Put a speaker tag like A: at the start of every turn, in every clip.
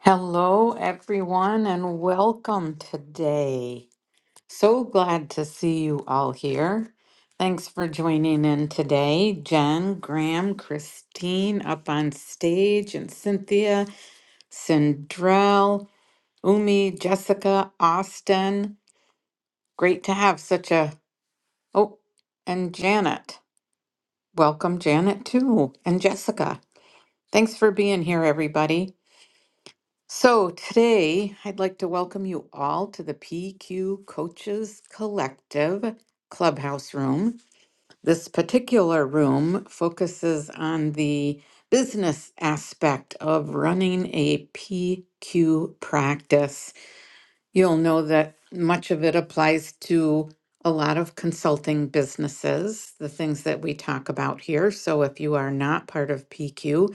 A: Hello, everyone, and welcome today. So glad to see you all here. Thanks for joining in today. Jen, Graham, Christine up on stage, and Cynthia, Sindrell, Umi, Jessica, Austin. Great to have such a. Oh, and Janet. Welcome, Janet, too, and Jessica. Thanks for being here, everybody. So, today I'd like to welcome you all to the PQ Coaches Collective Clubhouse Room. This particular room focuses on the business aspect of running a PQ practice. You'll know that much of it applies to a lot of consulting businesses, the things that we talk about here. So, if you are not part of PQ,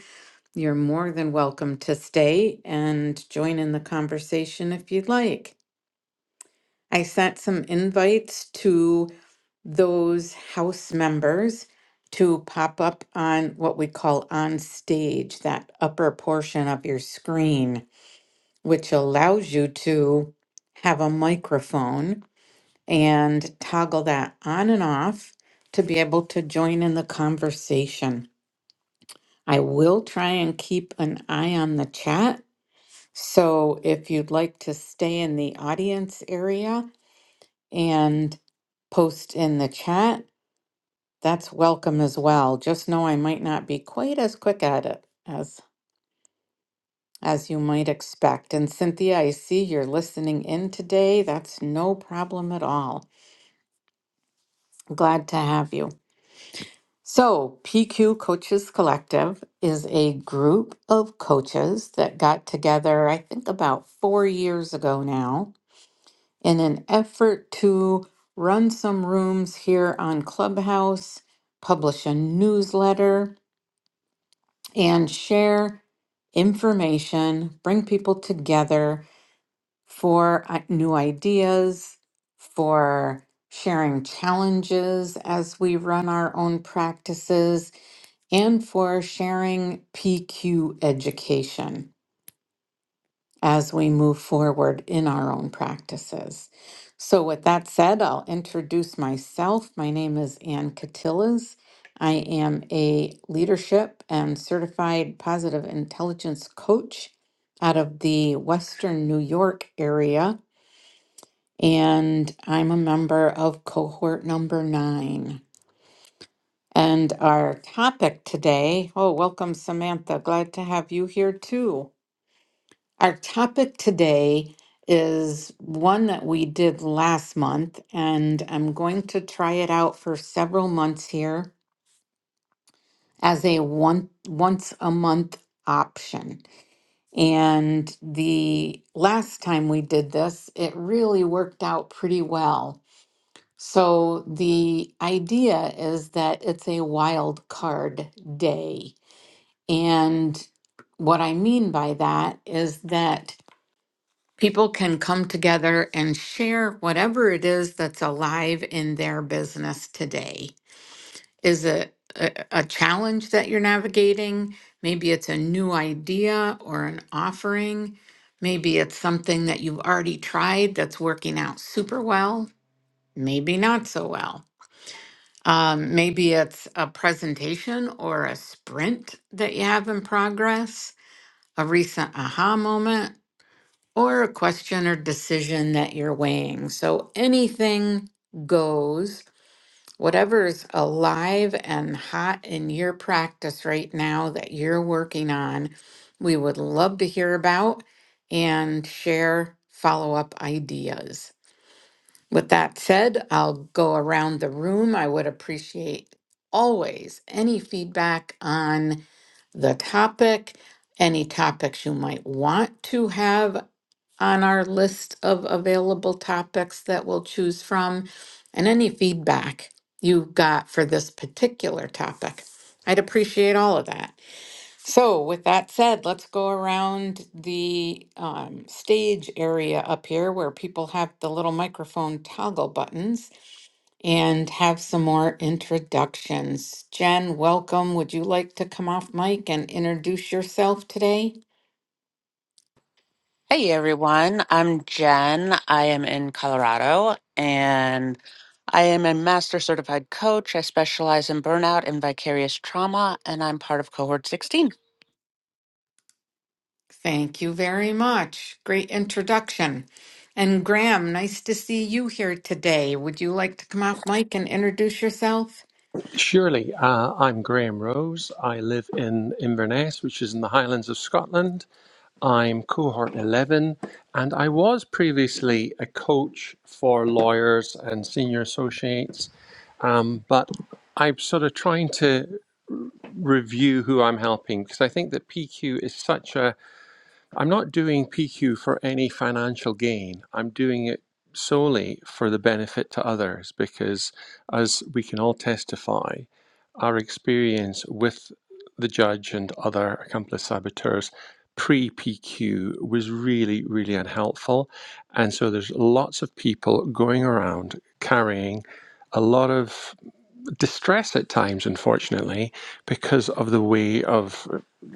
A: you're more than welcome to stay and join in the conversation if you'd like. I sent some invites to those house members to pop up on what we call on stage, that upper portion of your screen, which allows you to have a microphone and toggle that on and off to be able to join in the conversation. I will try and keep an eye on the chat So if you'd like to stay in the audience area and post in the chat, that's welcome as well. Just know I might not be quite as quick at it as as you might expect. And Cynthia, I see you're listening in today. That's no problem at all. Glad to have you. So, PQ Coaches Collective is a group of coaches that got together, I think about four years ago now, in an effort to run some rooms here on Clubhouse, publish a newsletter, and share information, bring people together for uh, new ideas, for sharing challenges as we run our own practices, and for sharing PQ education. as we move forward in our own practices. So, with that said, I'll introduce myself. My name is Ann Catillas. I am a leadership and certified positive intelligence coach out of the Western New York area, and I'm a member of cohort number nine. And our topic today, oh, welcome, Samantha. Glad to have you here too. Our topic today is one that we did last month, and I'm going to try it out for several months here as a one once a month option. And the last time we did this, it really worked out pretty well. So the idea is that it's a wild card day. And what I mean by that is that people can come together and share whatever it is that's alive in their business today. Is it a, a challenge that you're navigating? Maybe it's a new idea or an offering. Maybe it's something that you've already tried that's working out super well, maybe not so well. Um, maybe it's a presentation or a sprint that you have in progress, a recent aha moment, or a question or decision that you're weighing. So anything goes, whatever is alive and hot in your practice right now that you're working on, we would love to hear about and share follow up ideas. With that said, I'll go around the room. I would appreciate always any feedback on the topic, any topics you might want to have on our list of available topics that we'll choose from and any feedback you got for this particular topic. I'd appreciate all of that. So, with that said, let's go around the um, stage area up here where people have the little microphone toggle buttons and have some more introductions. Jen, welcome. Would you like to come off mic and introduce yourself today?
B: Hey everyone, I'm Jen. I am in Colorado and I am a master certified coach. I specialize in burnout and vicarious trauma, and I'm part of cohort 16.
A: Thank you very much. Great introduction. And Graham, nice to see you here today. Would you like to come off mic and introduce yourself?
C: Surely. Uh, I'm Graham Rose. I live in Inverness, which is in the Highlands of Scotland. I'm cohort 11, and I was previously a coach for lawyers and senior associates, um, but I'm sort of trying to review who I'm helping because I think that PQ is such a I'm not doing PQ for any financial gain. I'm doing it solely for the benefit to others because, as we can all testify, our experience with the judge and other accomplice saboteurs pre PQ was really, really unhelpful. And so there's lots of people going around carrying a lot of distress at times, unfortunately, because of the way of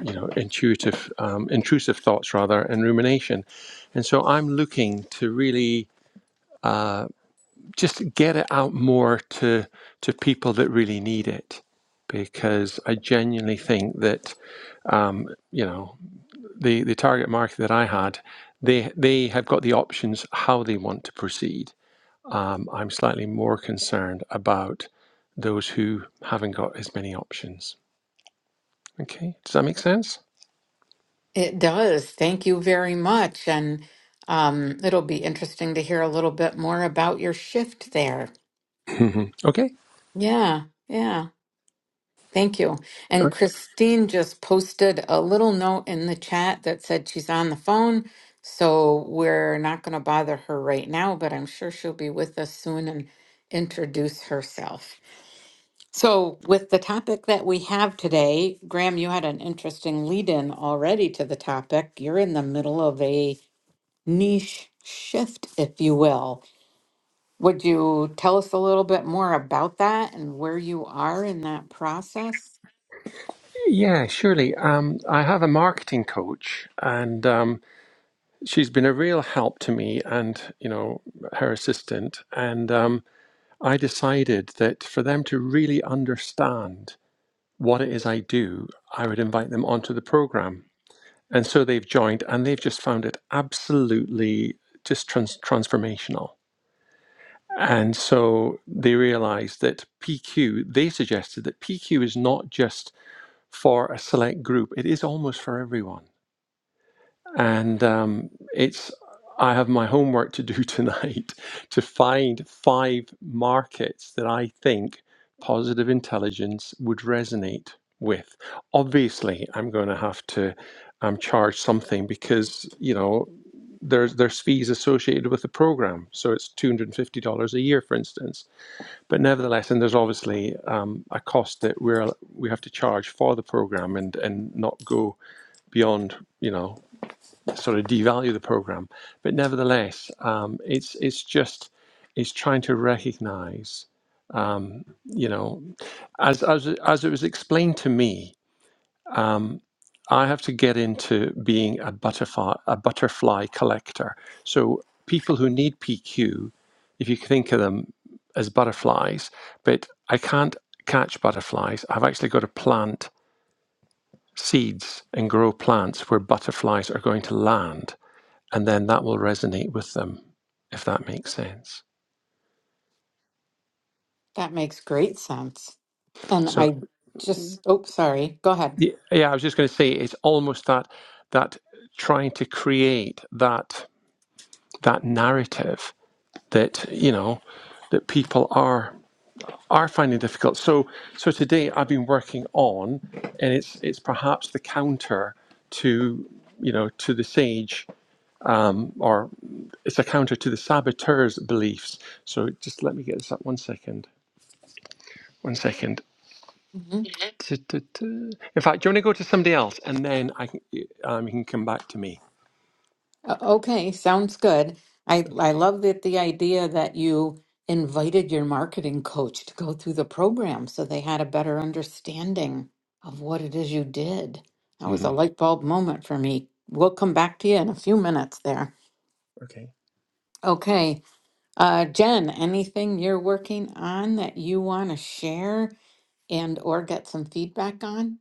C: you know intuitive, um, intrusive thoughts rather, and rumination. And so I'm looking to really uh, just get it out more to to people that really need it, because I genuinely think that um, you know the the target market that I had, they they have got the options how they want to proceed um, I'm slightly more concerned about those who haven't got as many options. Okay, does that make sense?
A: It does. Thank you very much. And um, it'll be interesting to hear a little bit more about your shift there.
C: okay. Okay.
A: Yeah, yeah. Thank you. And Christine just posted a little note in the chat that said she's on the phone. So we're not going to bother her right now, but I'm sure she'll be with us soon and introduce herself. So, with the topic that we have today, Graham, you had an interesting lead in already to the topic. You're in the middle of a niche shift, if you will. Would you tell us a little bit more about that and where you are in that process?
C: Yeah, surely. Um, I have a marketing coach, and um, she's been a real help to me and, you know, her assistant. And um, I decided that for them to really understand what it is I do, I would invite them onto the program. And so they've joined, and they've just found it absolutely just trans- transformational. And so they realized that PQ, they suggested that PQ is not just for a select group, it is almost for everyone. And um, it's, I have my homework to do tonight to find five markets that I think positive intelligence would resonate with. Obviously, I'm going to have to um, charge something because, you know, there's, there's fees associated with the program. So it's $250 a year, for instance but nevertheless, and there's obviously um, a cost that we're we have to charge for the program and and not go beyond you know sort of devalue the program. But nevertheless, um, it's it's just it's trying to recognise um, you know as as as it was explained to me um, I have to get into being a butterfly, a butterfly collector. So people who need PQ, if you think of them as butterflies, but I can't catch butterflies. I've actually got to plant seeds and grow plants where butterflies are going to land, and then that will resonate with them, if that makes sense.
A: That makes great sense. And
C: So
A: I just, oh, sorry. Go ahead.
C: y- yeah, I was just going to say it's almost that that trying to create that that narrative that you know that people are are finding difficult. So so today I've been working on, and it's it's perhaps the counter to you know to the sage, or it's a counter to the saboteur's beliefs. So just let me get this up one second. One second.
A: hmm
C: Tu, tu, tu. In fact, do you want to go to somebody else, and then I can um, you can come back to me.
A: Okay, sounds good. I I love that the idea that you invited your marketing coach to go through the program so they had a better understanding of what it is you did. That was a
C: Mhm.
A: light bulb moment for me. We'll come back to you in a few minutes there. Okay. Uh, Jen, anything you're working on that you want to share and or get some feedback on?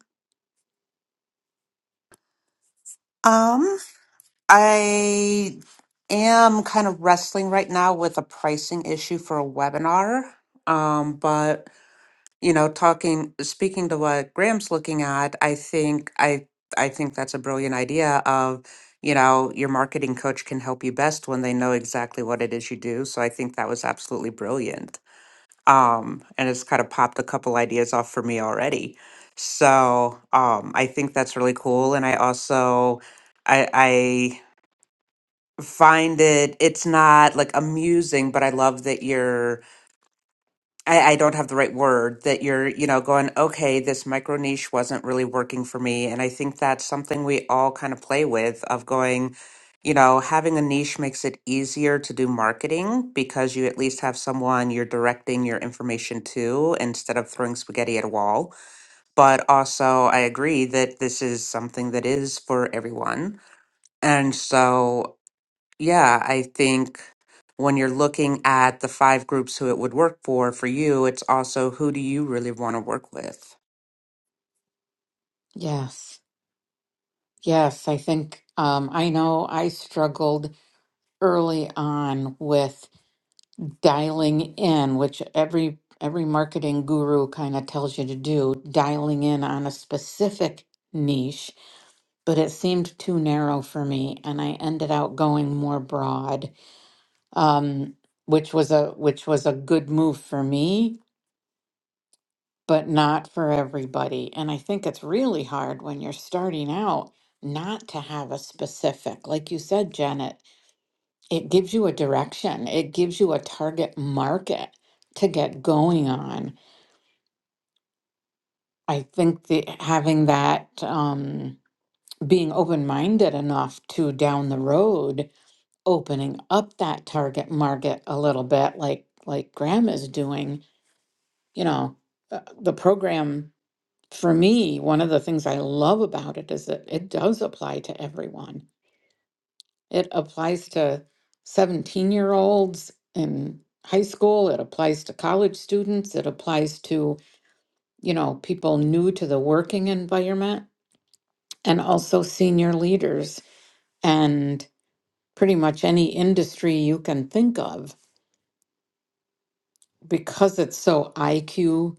B: Um, I am kind of wrestling right now with a pricing issue for a webinar. Um, but you know talking speaking to what graham's looking at i think i i think that's a brilliant idea of you know your marketing coach can help you best when they know exactly what it is you do so i think that was absolutely brilliant um and it's kind of popped a couple ideas off for me already so um i think that's really cool and i also i i find it it's not like amusing but i love that you're I, I don't have the right word that you're, you know, going, okay, this micro niche wasn't really working for me. And I think that's something we all kind of play with of going, you know, having a niche makes it easier to do marketing because you at least have someone you're directing your information to instead of throwing spaghetti at a wall. But also, I agree that this is something that is for everyone. And so yeah, I think when you're looking at the five groups who it would work for, for you, it's also who do you really want to work with?
A: Yes. Yes, I think um, I know I struggled early on with dialing in, which every every marketing guru kind of tells you to do, dialing in on a specific niche, but it seemed too narrow for me, and I ended out going more broad, um, which was a which was a good move for me, but not for everybody. And I think it's really hard when you're starting out not to have a specific, like you said, Janet it gives you a direction, it gives you a target market to get going on. I think the having that um, being open minded enough to down the road opening up that target market a little bit, like like Graham is doing. You know, uh, the program for me, one of the things I love about it is that it does apply to everyone It applies to 17 year olds in high school. It applies to college students. It applies to, you know, people new to the working environment and also senior leaders and pretty much any industry you can think of because it's so IQ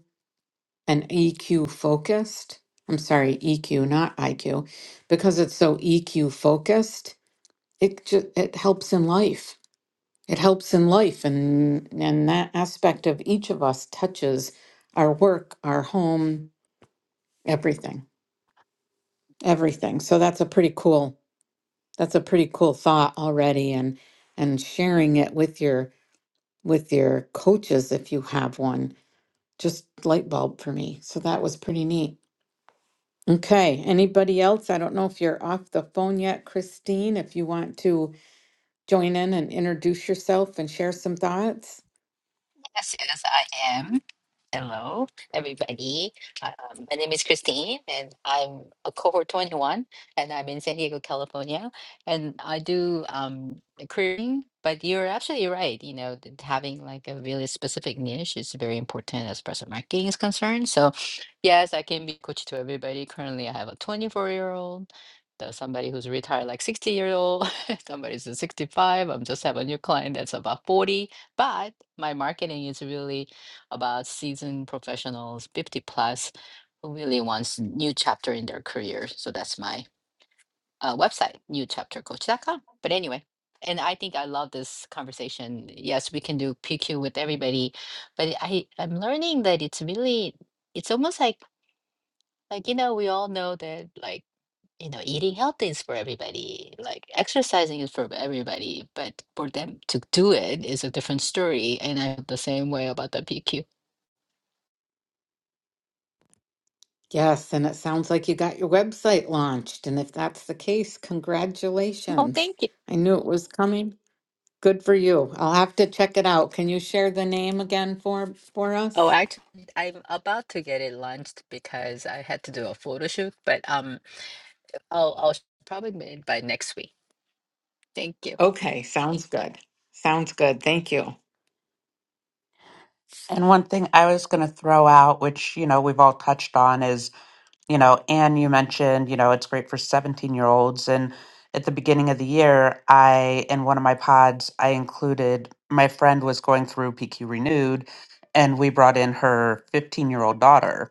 A: and EQ focused. I'm sorry, EQ, not IQ, because it's so EQ focused. It just it helps in life It helps in life, and and that aspect of each of us touches our work, our home, everything, everything. So that's a pretty cool. That's a pretty cool thought already, and and sharing it with your with your coaches if you have one. Just light bulb for me. So that was pretty neat. Okay, anybody else? I don't know if you're off the phone yet, Christine. If you want to join in and introduce yourself and share some thoughts.
D: Yes, yes, I am. Hello, everybody. Um, my name is Christine, and I'm a cohort 21, and I'm in San Diego, California. And I do um, careering, but you're absolutely right. You know, that having like a really specific niche is very important as personal marketing is concerned. So, yes, I can be coach to everybody. Currently, I have a 24 year old. There's somebody who's retired like 60 year old somebody's a 65 i'm just have a new client that's about 40 but my marketing is really about seasoned professionals, 50 plus, who really wants new chapter in their career. So that's my uh, website, new chapter coach dot com. But anyway, and I think I love this conversation. Yes, we can do PQ with everybody, but I I'm learning that it's really it's almost like like you know we all know that like you know eating healthy is for everybody, like exercising is for everybody, but for them to do it is a different story. And I feel the same way about the PQ.
A: Yes, and it sounds like you got your website launched. And if that's the case,
D: Oh,
A: congratulations.
D: thank you.
A: I knew it was coming. Good for you. I'll have to check it out. Can you share the name again for for
D: Oh,
A: us?
D: actually, I'm about to get it launched because I had to do a photo shoot, but um, I'll I'll probably make it by next week. Thank you.
A: Okay, sounds good. Sounds good. Thank you.
B: And one thing I was going to throw out, which, you know, we've all touched on is, you know, Anne, you mentioned, you know, it's great for 17 year olds. And at the beginning of the year, I, in one of my pods, I included my friend was going through PQ Renewed and we brought in her 15 year old daughter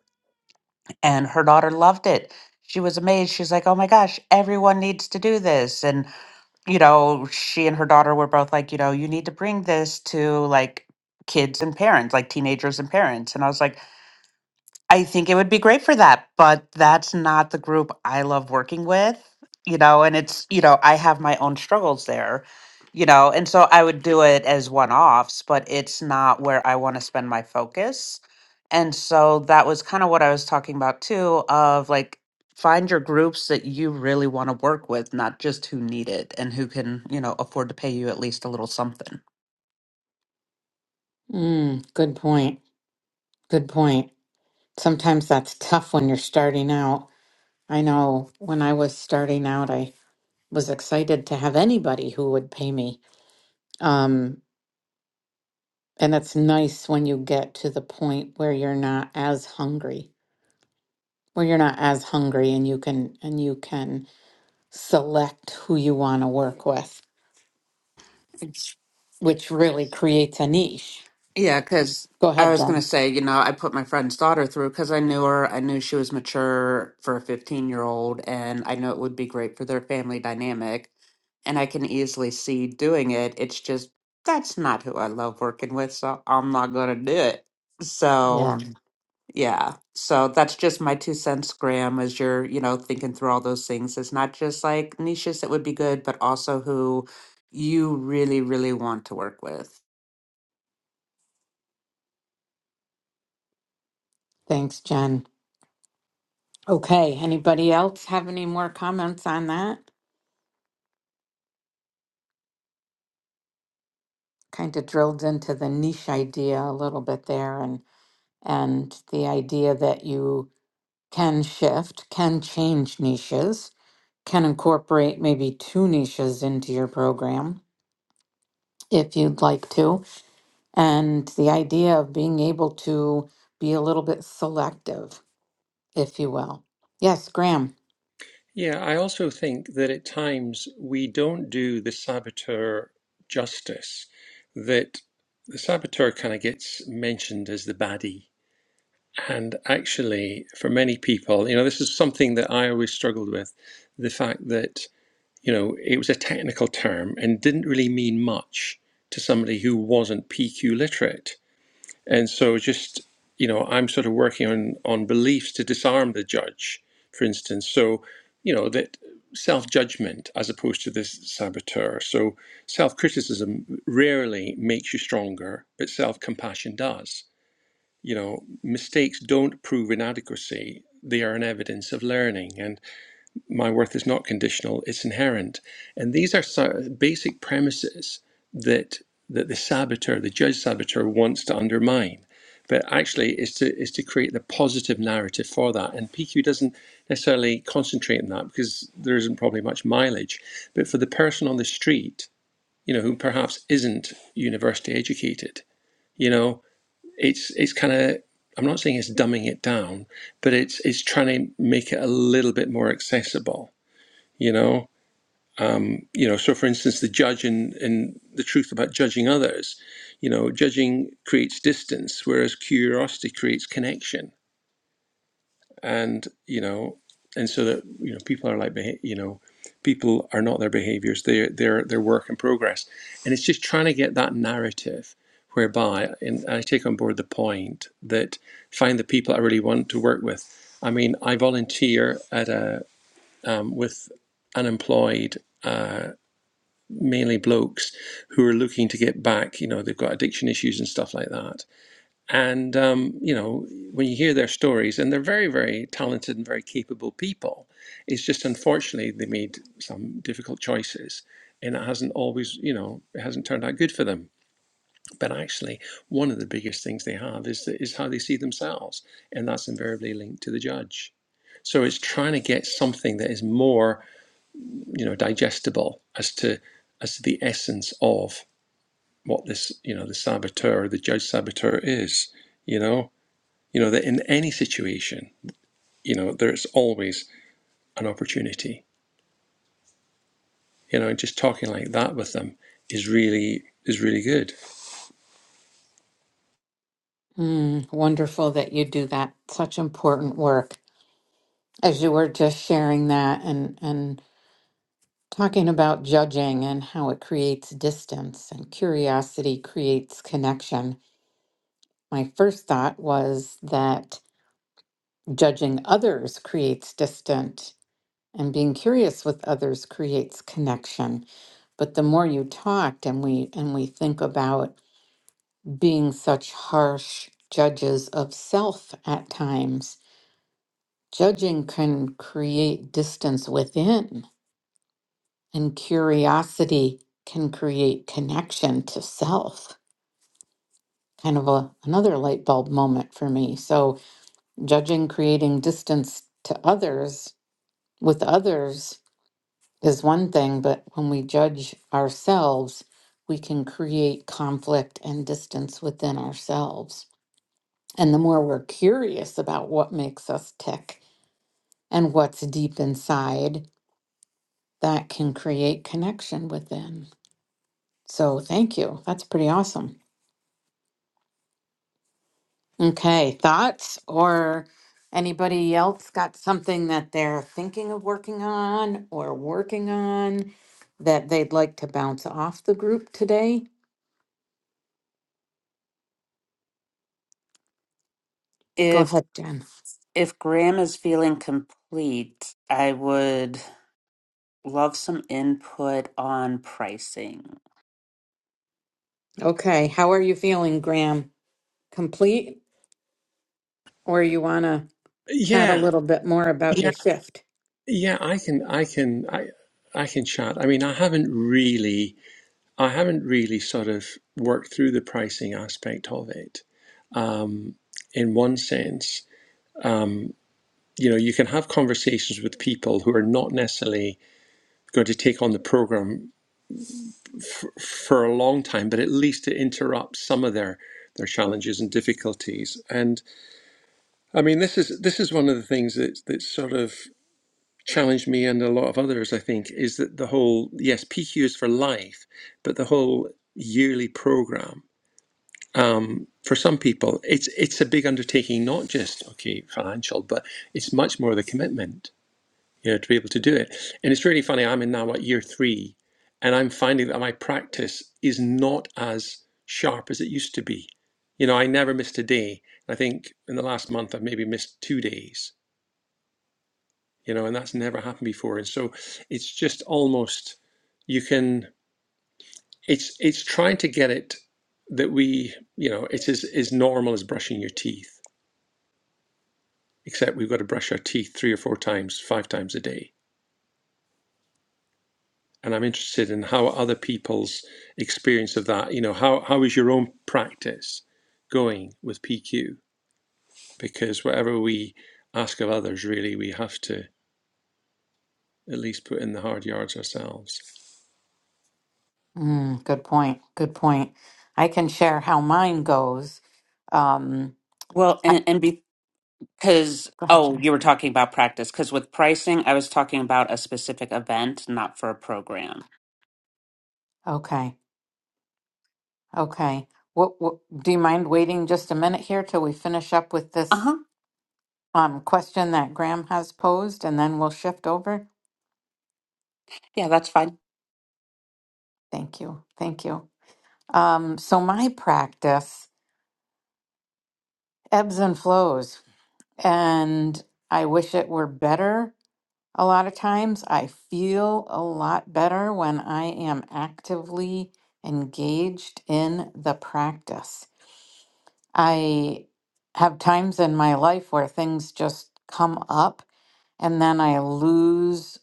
B: and her daughter loved it. She was amazed. She's like, "Oh my gosh, everyone needs to do this." And you know, she and her daughter were both like, "You know, you need to bring this to like kids and parents, like teenagers and parents." And I was like, I think it would be great for that, but that's not the group I love working with, you know, and it's, you know, I have my own struggles there, you know, and so I would do it as one offs, but it's not where I want to spend my focus. And so that was kind of what I was talking about too of like find your groups that you really want to work with, not just who need it and who can, you know, afford to pay you at least a little something.
A: Mm, good point. Good point. Sometimes that's tough when you're starting out. I know when I was starting out, I was excited to have anybody who would pay me. Um. And it's nice when you get to the point where you're not as hungry, where you're not as hungry and you can and you can select who you want to work with, which really creates a niche.
B: Yeah, because
A: Go
B: I
A: ahead,
B: was going
A: Jen.
B: to say, you know, I put my friend's daughter through because I knew her. I knew she was mature for a 15 year old, and I know it would be great for their family dynamic. And I can easily see doing it. It's just that's not who I love working with, so I'm not going to do it. So,
A: Yeah.
B: yeah. So that's just my two cents, Graham, as you're, you know, thinking through all those things. It's not just like niches that would be good, but also who you really, really want to work with.
A: Thanks, Jen. Okay, anybody else have any more comments on that? Kind of drilled into the niche idea a little bit there and and the idea that you can shift, can change niches can incorporate maybe two niches into your program if you'd like to. And the idea of being able to be a little bit selective, if you will. Yes, Graham.
C: Yeah, I also think that at times we don't do the saboteur justice, that the saboteur kind of gets mentioned as the baddie. And actually, for many people, you know, this is something that I always struggled with the fact that, you know, it was a technical term and didn't really mean much to somebody who wasn't PQ literate. And so just, you know, I'm sort of working on, on beliefs to disarm the judge, for instance. So, you know, that self-judgment as opposed to this saboteur. So self-criticism rarely makes you stronger, but self-compassion does. You know, mistakes don't prove inadequacy. They are an evidence of learning my worth is not conditional, it's inherent. And these are so- basic premises that that the saboteur, the judge saboteur, wants to undermine. But actually, is to is to create the positive narrative for that. And PQ doesn't necessarily concentrate on that because there isn't probably much mileage. But for the person on the street, you know, who perhaps isn't university educated, you know, it's it's kind of I'm not saying it's dumbing it down, but it's it's trying to make it a little bit more accessible you know you know so for instance the judge and and the truth about judging others you know judging creates distance whereas curiosity creates connection and you know and so that you know people are like beha- you know people are not their behaviors they're they're they're work in progress and it's just trying to get that narrative whereby and i take on board the point that find the people i really want to work with i mean i volunteer at a um, with unemployed uh, mainly blokes who are looking to get back. You know, they've got addiction issues and stuff like that. And um, you know, when you hear their stories, and they're very, very talented and very capable people, it's just unfortunately they made some difficult choices, and it hasn't always, you know, it hasn't turned out good for them. But actually, one of the biggest things they have is the, is how they see themselves, and that's invariably linked to the judge. So it's trying to get something that is more, you know, digestible as to as to the essence of what this you know the saboteur the judge saboteur is you know you know that in any situation you know there's always an opportunity you know and just talking like that with them is really is really good
A: Mm, wonderful that you do that. Such important work. As you were just sharing that and, and talking about judging and how it creates distance and curiosity creates connection, my first thought was that judging others creates distance and being curious with others creates connection but the more you talked and we and we think about being such harsh judges of self at times judging can create distance within and curiosity can create connection to self kind of a, another light bulb moment for me so judging creating distance to others with others is one thing, but when we judge ourselves, we can create conflict and distance within ourselves. And the more we're curious about what makes us tick and what's deep inside, that can create connection within. So, thank you. That's pretty awesome. Okay, thoughts or anybody else got something that they're thinking of working on or working on that they'd like to bounce off the group today? Go ahead, Jen.
B: If Graham is feeling complete, I would love some input on pricing.
A: Okay, how are you feeling, Graham? Complete, or you want to chat a
C: yeah
A: little bit more about your
C: yeah
A: shift?
C: yeah i can i can i i can chat i mean i haven't really i haven't really sort of worked through the pricing aspect of it um in one sense um you know you can have conversations with people who are not necessarily going to take on the program for a long time, but at least it interrupts some of their their challenges and difficulties. And I mean, this is this is one of the things that that sort of challenged me and a lot of others. I think is that the whole yes, PQ is for life, but the whole yearly program um, for some people, it's it's a big undertaking, not just okay financial, but it's much more the commitment. you know, to be able to do it. And it's really funny. I'm in now at year three, and I'm finding that my practice is not as sharp as it used to be. You know, I never missed a day. I think in the last month I've maybe missed two days. You know, and that's never happened before. And so it's just almost you can. It's it's trying to get it that we you know it's as, as normal as brushing your teeth, except we've got to brush our teeth three or four times, five times a day and I'm interested in how other people's experience of that. You know, how how is your own practice going with PQ? Because whatever we ask of others, really, we have to at least put in the hard yards ourselves.
A: Mm, good point. Good point. I can share how mine goes. Um,
B: Well,
A: I,
B: and, and because,
A: go ahead,
B: oh,
A: Jen.
B: you were talking about practice, because with pricing, I was talking about a specific event, not for a program.
A: Okay. Okay. What, what, do you mind waiting just a minute here till we finish up with
B: Uh
A: this
B: huh.
A: um, question that Graham has posed and then we'll shift over?
B: Yeah, that's fine.
A: Thank you. Thank you. Um, so, my practice ebbs and flows, and I wish it were better A lot of times I feel a lot better when I am actively engaged in the practice. I have times in my life where things just come up and then I lose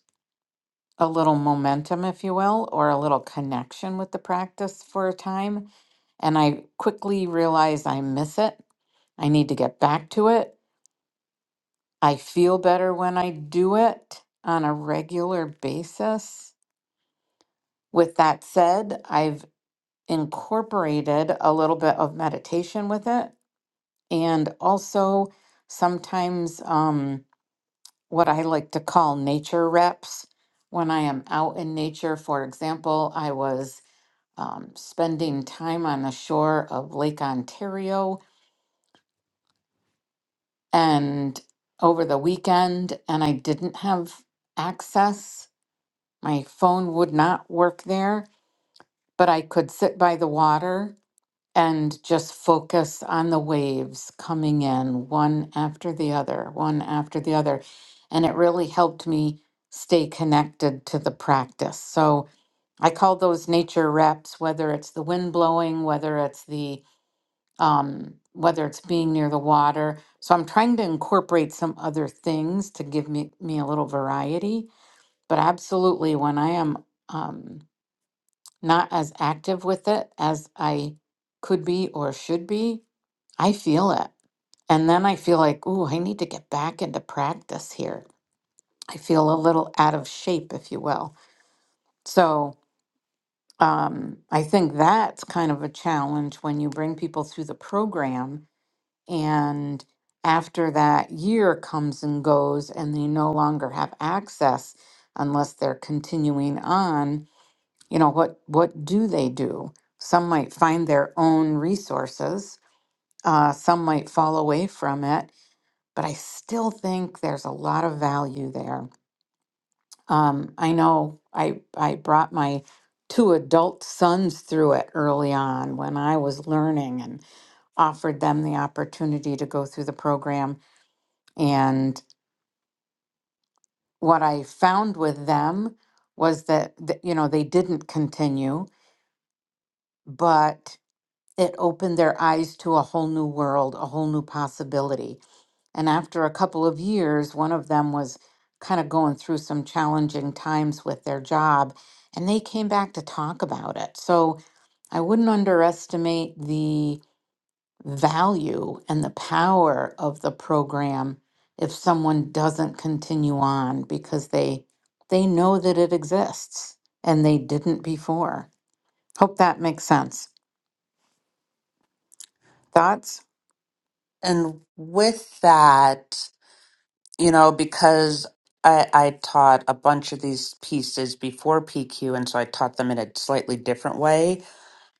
A: a little momentum, if you will, or a little connection with the practice for a time. And I quickly realize I miss it. I need to get back to it. I feel better when I do it on a regular basis. With that said, I've incorporated a little bit of meditation with it and also sometimes um, what I like to call nature reps. When I am out in nature, for example, I was um, spending time on the shore of Lake Ontario and over the weekend, and I didn't have access. My phone would not work there, but I could sit by the water and just focus on the waves coming in one after the other, one after the other. And it really helped me stay connected to the practice. So I call those nature reps, whether it's the wind blowing, whether it's the um, whether it's being near the water. So I'm trying to incorporate some other things to give me, me a little variety. But absolutely, when I am um, not as active with it as I could be or should be, I feel it. And then I feel like, ooh, I need to get back into practice here. I feel a little out of shape, if you will. So um, I think that's kind of a challenge when you bring people through the program and after that year comes and goes and they no longer have access unless they're continuing on you know what what do they do some might find their own resources uh, some might fall away from it but I still think there's a lot of value there. Um, I know I I brought my two adult sons through it early on when I was learning and offered them the opportunity to go through the program. And what I found with them was that, that you know they didn't continue, but it opened their eyes to a whole new world, a whole new possibility And after a couple of years, one of them was kind of going through some challenging times with their job, and they came back to talk about it. So I wouldn't underestimate the value and the power of the program if someone doesn't continue on because they they know that it exists and they didn't before. Hope that makes sense. Thoughts?
B: And with that, you know, because I, I taught a bunch of these pieces before PQ, and so I taught them in a slightly different way.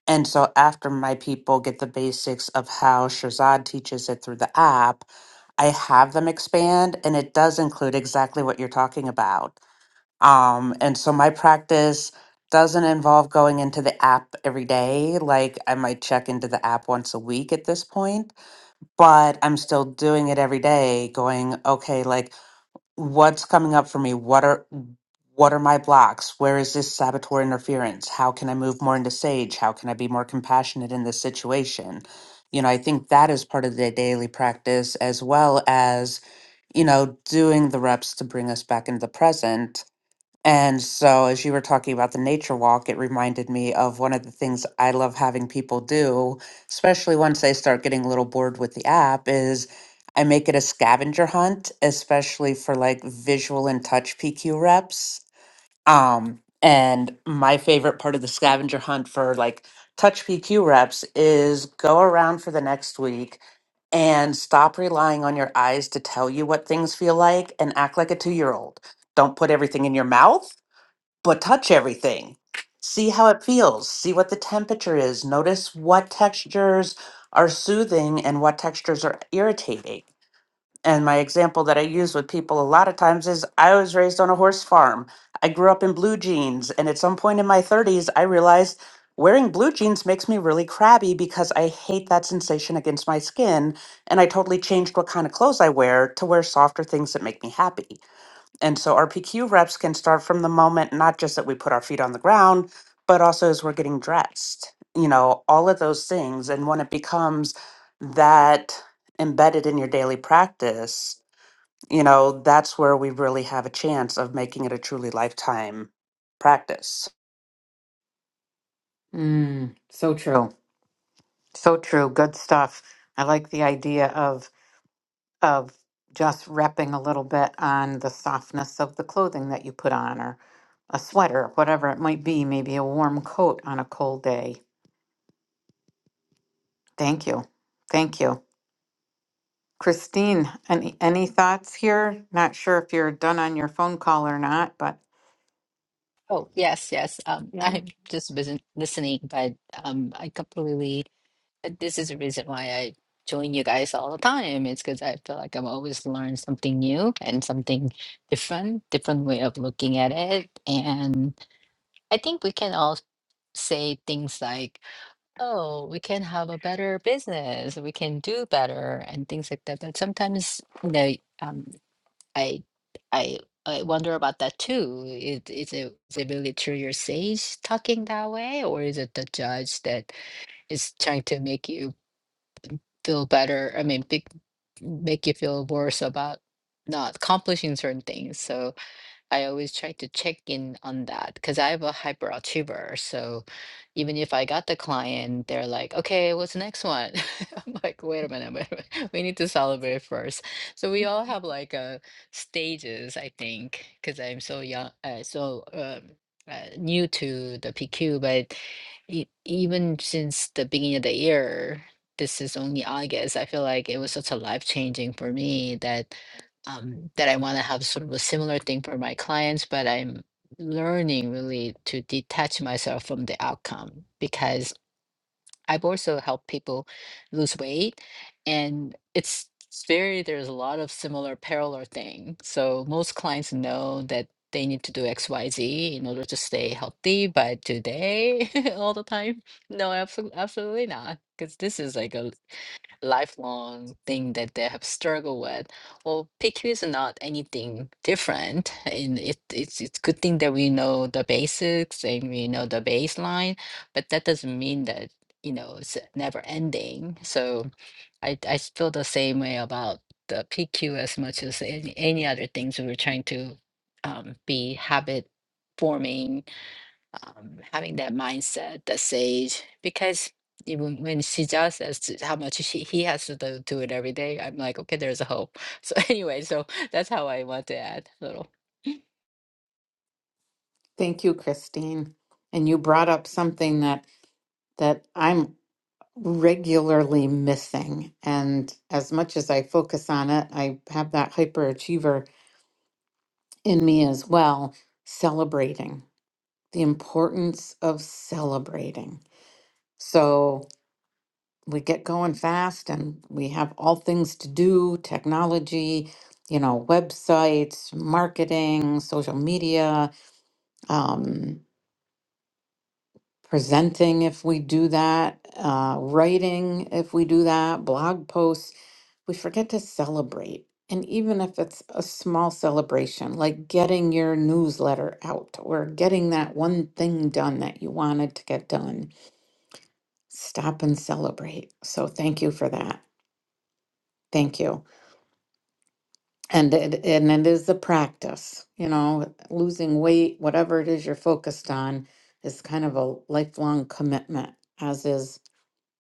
B: And so after my people get the basics of how Shazad teaches it through the app, I have them expand and it does include exactly what you're talking about. Um, and so my practice doesn't involve going into the app every day. Like I might check into the app once a week at this point, but I'm still doing it every day, going, okay, like what's coming up for me what are what are my blocks where is this saboteur interference how can i move more into sage how can i be more compassionate in this situation you know i think that is part of the daily practice as well as you know doing the reps to bring us back into the present and so, as you were talking about the nature walk, it reminded me of one of the things I love having people do, especially once they start getting a little bored with the app, is I make it a scavenger hunt, especially for like visual and touch PQ reps. Um, and my favorite part of the scavenger hunt for like touch PQ reps is go around for the next week and stop relying on your eyes to tell you what things feel like and act like a two year old. Don't put everything in your mouth but touch everything. See how it feels. See what the temperature is. Notice what textures are soothing and what textures are irritating. And my example that I use with people a lot of times is I was raised on a horse farm. I grew up in blue jeans. And at some point in my 30s, I realized wearing blue jeans makes me really crabby because I hate that sensation against my skin. And I totally changed what kind of clothes I wear to wear softer things that make me happy. And so our PQ reps can start from the moment, not just that we put our feet on the ground, but also as we're getting dressed, you know, all of those things. And when it becomes that embedded in your daily practice, you know, that's where we really have a chance of making it a truly lifetime practice.
A: Mm, so true. So true. Good stuff. I like the idea of of just repping a little bit on the softness of the clothing that you put on or a sweater, whatever it might be, maybe a warm coat on a cold day. Thank you. Thank you. Christine, any any thoughts here? Not sure if you're done on your phone call or not, but
D: Oh, yes, yes. Um,
A: yeah.
D: I'm just busy listening, but um, I completely. uh, This is the reason why I join you guys all the time. It's because I feel like I'm always learning something new and something different, different way of looking at it. And I think we can all say things like. oh, we can have a better business, we can do better, and things like that. But sometimes, you know, um, I, I, I wonder about that too. Is, is it is it really true your sage talking that way, or is it the judge that is trying to make you feel better? I mean, big, make you feel worse about not accomplishing certain things. So. I always try to check in on that because I'm a hyperachiever. So even if I got the client, they're like, okay, what's the next one? I'm like, wait a minute, wait a minute. We need to celebrate first. So we all have like uh, stages, I think, because I'm so young, uh, so um, uh, new to the PQ. But e- even since the beginning of the year, this is only August. I feel like it was such a life changing for me that um, that I want to have sort of a similar thing for my clients, but I'm learning really to detach myself from the outcome because I've also helped people lose weight and it's it's very there's a lot of similar parallel thing. So most clients know that they need to do XYZ in order to stay healthy, but do they all the time? No, absolutely absolutely not. Because this is like a lifelong thing that they have struggled with. Well, PQ is not anything different, and it, it's it's good thing that we know the basics and we know the baseline, but that doesn't mean that you know it's never ending. So, I I feel the same way about the PQ as much as any any other things we were trying to um, be habit forming um, having that mindset that sage because even when she just as to how much she he has to do do it every day i'm like okay there's a hope so anyway so that's how i want to add a little
A: Thank you, Christine. And you brought up something that that I'm regularly missing. And as much as I focus on it, I have that hyperachiever in me as well, celebrating. The importance of celebrating. So we get going fast and we have all things to do technology you know websites marketing social media um, presenting if we do that uh, writing if we do that blog posts we forget to celebrate and even if it's a small celebration like getting your newsletter out or getting that one thing done that you wanted to get done stop and celebrate so thank you for that thank you And it, and it is a practice, you know, losing weight, whatever it is you're focused on, is kind of a lifelong commitment, as is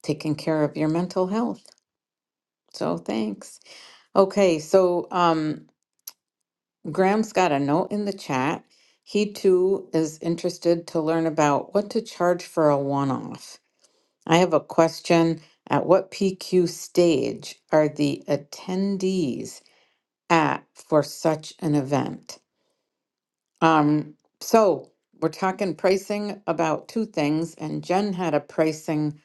A: taking care of your mental health. So thanks. Okay, so um, Graham's got a note in the chat. He too is interested to learn about what to charge for a one off. I have a question. At what PQ stage are the attendees at for such an event? Um, so we're talking pricing about two things, and Jen had a pricing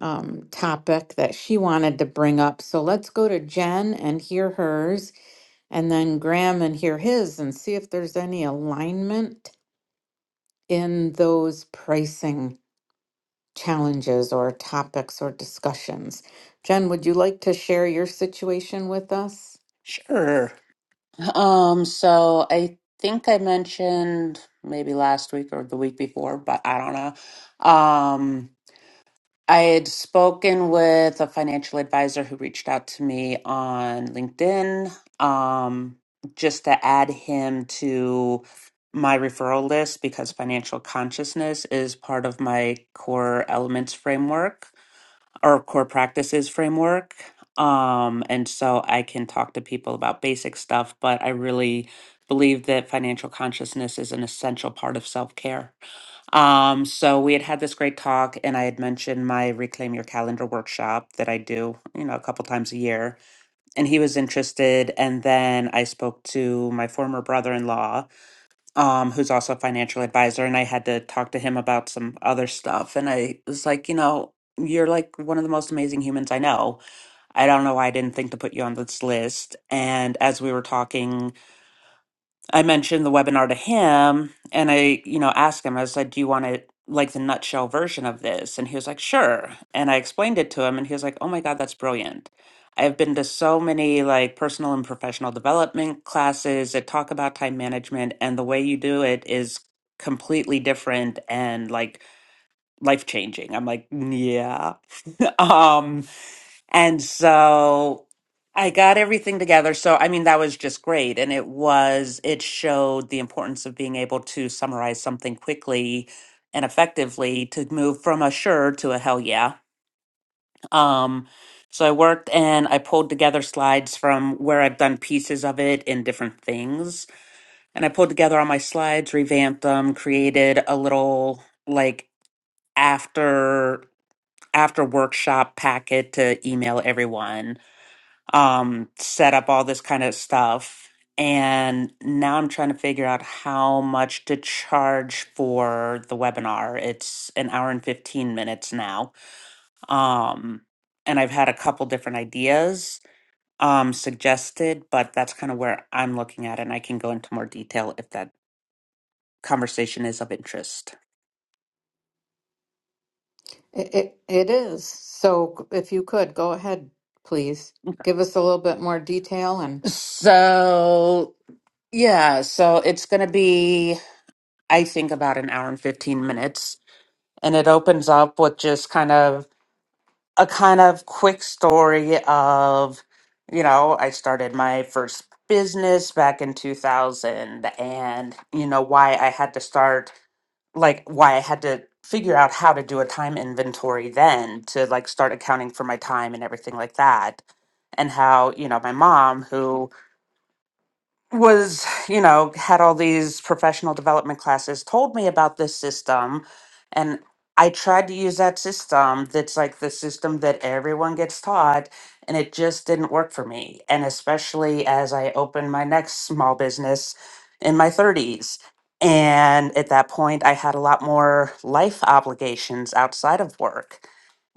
A: um, topic that she wanted to bring up. So let's go to Jen and hear hers, and then Graham and hear his, and see if there's any alignment in those pricing challenges or topics or discussions. Jen, would you like to share your situation with us?
B: Sure. Um, so I think I mentioned maybe last week or the week before, but I don't know. Um, I had spoken with a financial advisor who reached out to me on LinkedIn um, just to add him to my referral list because financial consciousness is part of my core elements framework or core practices framework. Um, and so I can talk to people about basic stuff, but I really believe that financial consciousness is an essential part of self care. Um, so we had had this great talk, and I had mentioned my Reclaim Your Calendar workshop that I do, you know, a couple times a year. And he was interested. And then I spoke to my former brother in law, um, who's also a financial advisor, and I had to talk to him about some other stuff. And I was like, you know, you're like one of the most amazing humans I know. I don't know why I didn't think to put you on this list. And as we were talking, I mentioned the webinar to him and I, you know, asked him, I was like, do you want it like the nutshell version of this? And he was like, sure. And I explained it to him and he was like, oh my God, that's brilliant. I have been to so many like personal and professional development classes that talk about time management and the way you do it is completely different and like life changing. I'm like, yeah. um and so I got everything together. So, I mean, that was just great. And it was, it showed the importance of being able to summarize something quickly and effectively to move from a sure to a hell yeah. Um, so I worked and I pulled together slides from where I've done pieces of it in different things. And I pulled together all my slides, revamped them, created a little like after after workshop packet to email everyone um, set up all this kind of stuff. And now I'm trying to figure out how much to charge for the webinar. It's an hour and 15 minutes now. Um, and I've had a couple different ideas um, suggested, but that's kind of where I'm looking at. And I can go into more detail if that conversation is of interest.
A: It, it, it is. So if you could, go ahead, please. Give us a little bit more detail and
B: So, yeah, so it's going to be, I think, about an hour and 15 minutes and it opens up with just kind of a kind of quick story of you know i started my first business back in 2000 and you know why i had to start like why i had to figure out how to do a time inventory then to like start accounting for my time and everything like that and how you know my mom who was, you know, had all these professional development classes, told me about this system. And I tried to use that system that's like the system that everyone gets taught, and it just didn't work for me. And especially as I opened my next small business in my 30s. And at that point, I had a lot more life obligations outside of work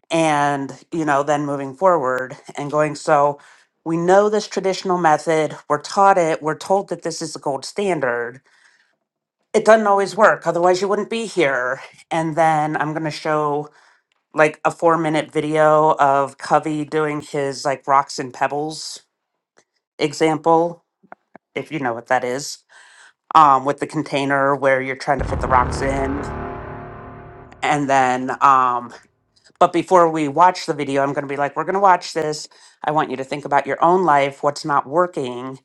B: and you know then moving forward and going so we know this traditional method we're taught it we're told that this is the gold standard it doesn't always work otherwise you wouldn't be here and then i'm going to show like a four minute video of covey doing his like rocks and pebbles example if you know what that is um, with the container where you're trying to fit the rocks in and then um, But before we watch the video, I'm going to be like, we're going to watch this. I want you to think about your own life, what's not working.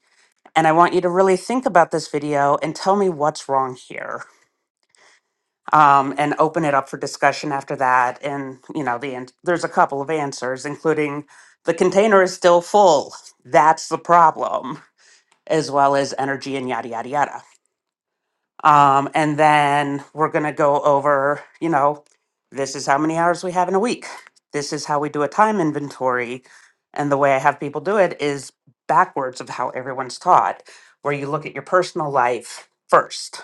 B: And I want you to really think about this video and tell me what's wrong here. Um, and open it up for discussion after that. And, you know, the end, there's a couple of answers, including the container is still full. That's the problem, as well as energy and yada, yada, yada. Um, and then we're going to go over, you know, this is how many hours we have in a week. This is how we do a time inventory. And the way I have people do it is backwards of how everyone's taught, where you look at your personal life first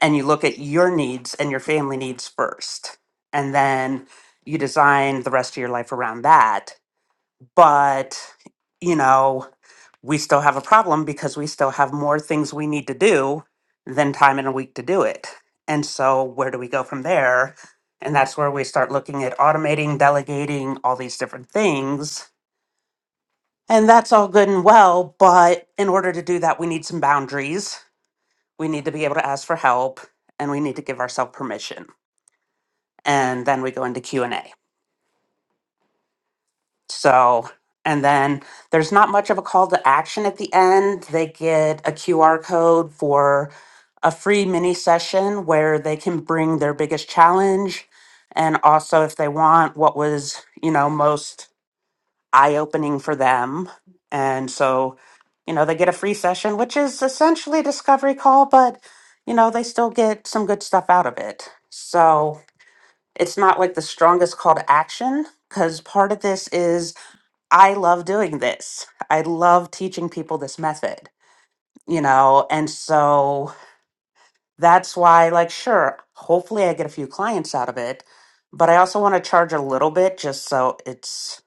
B: and you look at your needs and your family needs first. And then you design the rest of your life around that. But, you know, we still have a problem because we still have more things we need to do than time in a week to do it. And so, where do we go from there? And that's where we start looking at automating, delegating, all these different things. And that's all good and well. But in order to do that, we need some boundaries. We need to be able to ask for help and we need to give ourselves permission. And then we go into Q&A. So, and then there's not much of a call to action at the end. They get a QR code for a free mini session where they can bring their biggest challenge and also if they want what was, you know, most eye-opening for them. And so, you know, they get a free session which is essentially a discovery call, but you know, they still get some good stuff out of it. So, it's not like the strongest call to action because part of this is I love doing this. I love teaching people this method, you know? And so that's why, like, sure, hopefully I get a few clients out of it, but I also want to charge a little bit just so it's,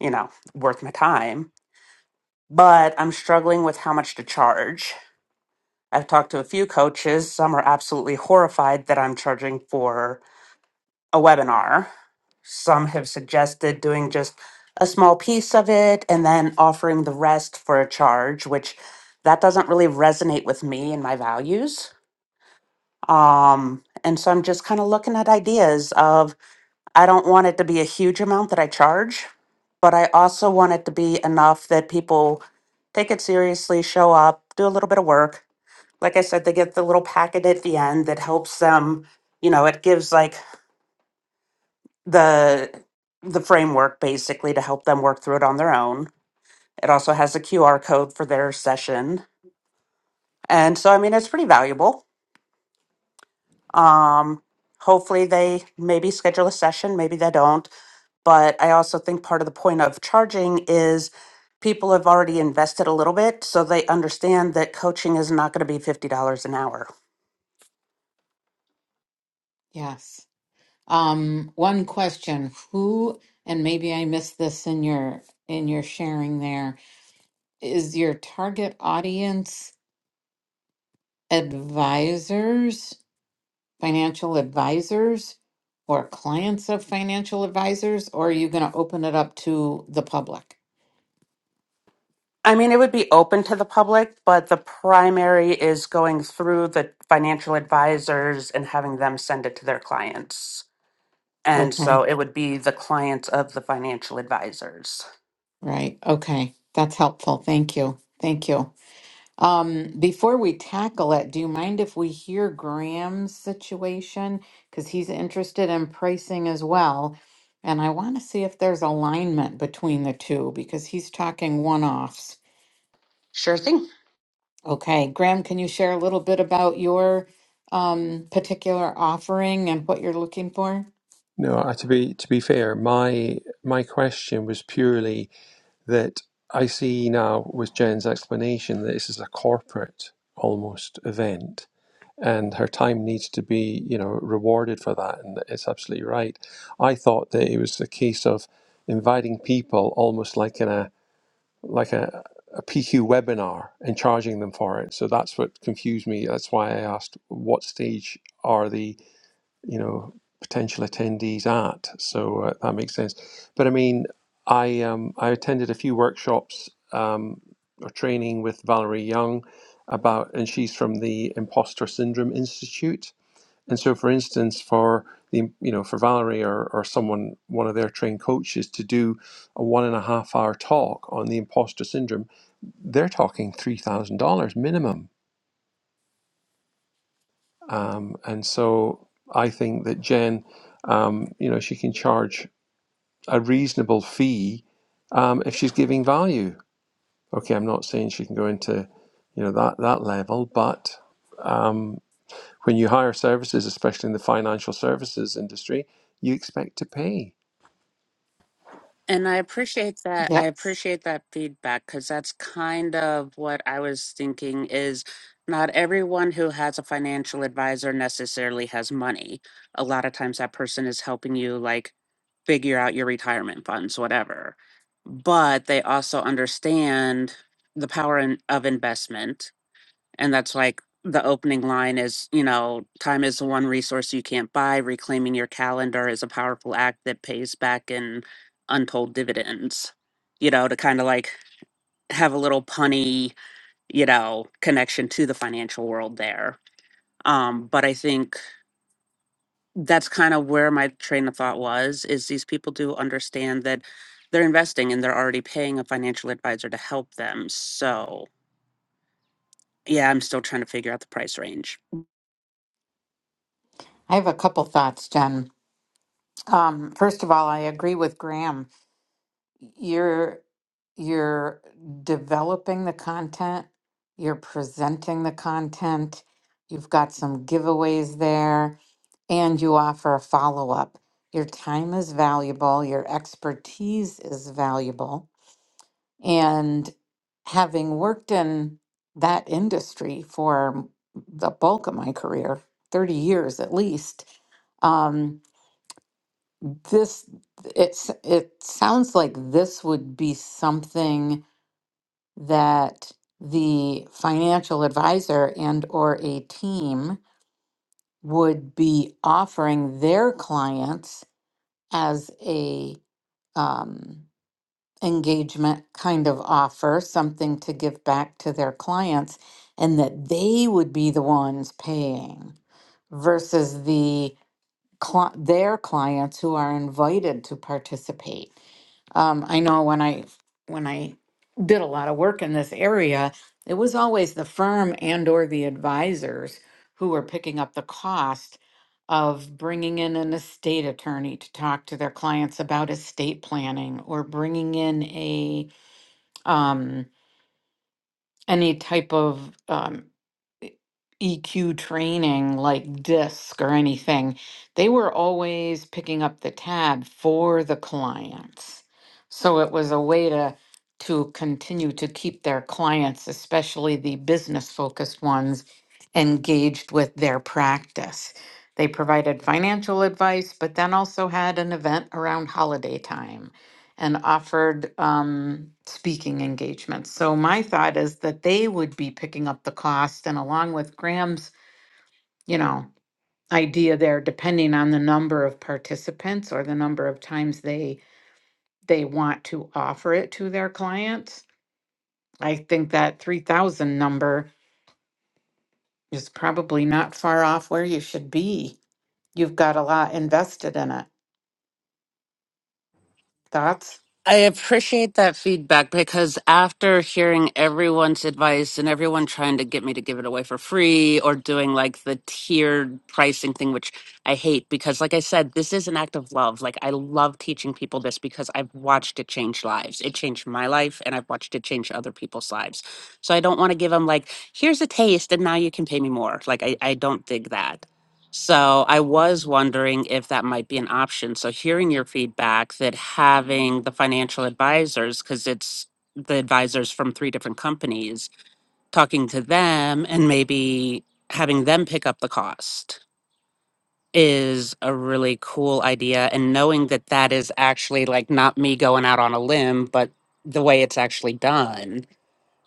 B: you know, worth my time. But I'm struggling with how much to charge. I've talked to a few coaches. Some are absolutely horrified that I'm charging for a webinar. Some have suggested doing just a small piece of it and then offering the rest for a charge, which that doesn't really resonate with me and my values. Um, and so I'm just kind of looking at ideas of I don't want it to be a huge amount that I charge, but I also want it to be enough that people take it seriously, show up, do a little bit of work. Like I said, they get the little packet at the end that helps them, you know, it gives like the the framework basically to help them work through it on their own. It also has a QR code for their session. And so I mean it's pretty valuable. Um hopefully they maybe schedule a session, maybe they don't, but I also think part of the point of charging is people have already invested a little bit so they understand that coaching is not going to be $50 an hour
A: yes. Um, one question, who, and maybe I missed this in your in your sharing there, is your target audience advisors, financial advisors, or clients of financial advisors, or are you going to open it up to the public?
B: I mean, it would be open to the public, but the primary is going through the financial advisors and having them send it to their clients. And
A: Okay,
B: so it would be the clients of the financial advisors.
A: right. Okay. That's helpful. Thank you. Thank you. Um, before we tackle it, do you mind if we hear Graham's situation? Because he's interested in pricing as well. And I want to see if there's alignment between the two because he's talking one offs.
B: Sure thing.
A: Okay, Graham, can you share a little bit about your um, particular offering and what you're looking for?
C: No, uh, to be to be fair, my my question was purely that I see now with Jen's explanation that this is a corporate almost event. and her time needs to be you know rewarded for that and it's absolutely right i thought that it was the case of inviting people almost like in a like a, pq webinar and charging them for it so that's what confused me that's why i asked what stage are the? you know potential attendees at so uh, that makes sense but i mean i um, i attended a few workshops um, or training with valerie young about and she's from the imposter syndrome institute and so for instance for the you know for valerie or, or someone one of their trained coaches to do a one and a half hour talk on the imposter syndrome they're talking $3000 minimum Um, and so I think that Jen, um, you know, she can charge a reasonable fee um, if she's giving value. Okay, I'm not saying she can go into, you know, that that level, but um, when you hire services, especially in the financial services industry, you expect to pay.
B: And I appreciate that. I
A: Yes.
B: appreciate that feedback because that's kind of what I was thinking is not everyone who has a financial advisor necessarily has money. A lot of times that person is helping you like figure out your retirement funds, whatever. But they also understand the power in, of investment and that's like the opening line is, you know, time is the one resource you can't buy. Reclaiming your calendar is a powerful act that pays back in untold dividends, you know, to kind of like have a little punny, you know, connection to the financial world there. Um, but I think that's kind of where my train of thought was is these people do understand that they're investing and they're already paying a financial advisor to help them. So, Yeah, I'm still trying to figure out the price range.
A: I have a couple thoughts, Jen. Um, first of all, I agree with Graham. you're you're developing the content, you're presenting the content, you've got some giveaways there, and you offer a follow-up. Your time is valuable, your expertise is valuable, and having worked in that industry for the bulk of my career, 30 years at least, um, this it's it sounds like this would be something that the financial advisor and or a team would be offering their clients as a um, engagement kind of offer something to give back to their clients and that they would be the ones paying versus the cli their clients who are invited to participate. Um, I know when I when I did a lot of work in this area, it was always the firm and or the advisors who were picking up the cost of bringing in an estate attorney to talk to their clients about estate planning or bringing in a um, any type of um, e- EQ training like DISC or anything, they were always picking up the tab for the clients. So it was a way to to continue to keep their clients, especially the business focused ones, engaged with their practice. They provided financial advice, but then also had an event around holiday time and offered um, speaking engagements. So my thought is that they would be picking up the cost, and along with Graham's, you know, idea there, depending on the number of participants or the number of times they they want to offer it to their clients. I think that three thousand number is probably not far off where you should be. You've got a lot invested in it. Thoughts?
B: I appreciate that feedback because after hearing everyone's advice and everyone trying to get me to give it away for free or doing like the tiered pricing thing, which I hate because, like I said, this is an act of love. Like, I love teaching people this because I've watched it change lives. It changed my life and I've watched it change other people's lives. So I don't want to give them, like, here's a taste and now you can pay me more. Like, I, I don't dig that. So I was wondering if that might be an option. So hearing your feedback that having the financial advisors, because it's the advisors from three different companies, talking to them and maybe having them pick up the cost is a really cool idea. And knowing that that is actually like not me going out on a limb, but the way it's actually done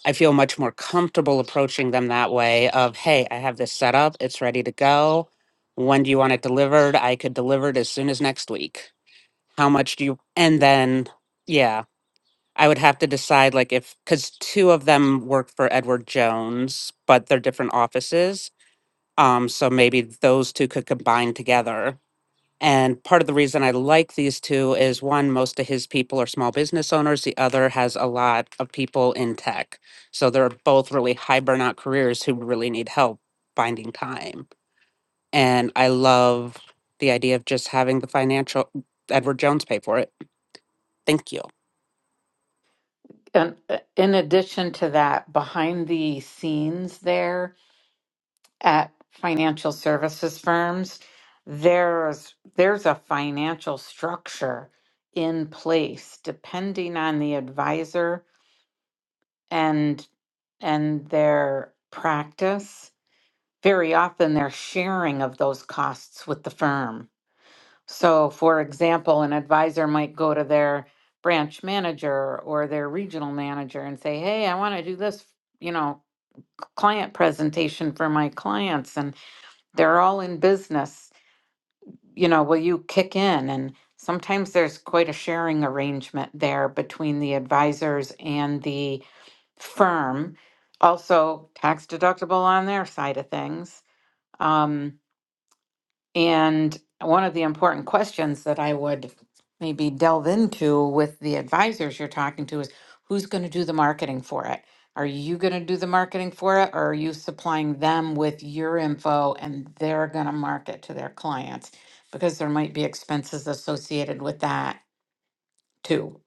B: I feel much more comfortable approaching them that way of, hey, I have this set up, it's ready to go. When do you want it delivered? I could deliver it as soon as next week. How much do you and then yeah, I would have to decide like if cuz two of them work for Edward Jones, but they're different offices. Um so maybe those two could combine together and part of the reason I like these two is one, most of his people are small business owners. The other has a lot of people in tech. So they're both really high burnout careers who really need help finding time. And I love the idea of just having the financial Edward Jones pay for it. Thank you.
A: And uh, in addition to that, behind the scenes there at financial services firms, there's there's a financial structure in place depending on the advisor and and their practice very often they're sharing of those costs with the firm. So, for example, an advisor might go to their branch manager or their regional manager and say, Hey, I want to do this, you know, client presentation for my clients, and they're all in business. You know, will you kick in? And sometimes there's quite a sharing arrangement there between the advisors and the firm. Also, tax deductible on their side of things. Um, And one of the important questions that I would maybe delve into with the advisors you're talking to is who's going to do the marketing for it? Are you going to do the marketing for it or are you supplying them with your info and they're going to market to their clients? Because there might be expenses associated with that too.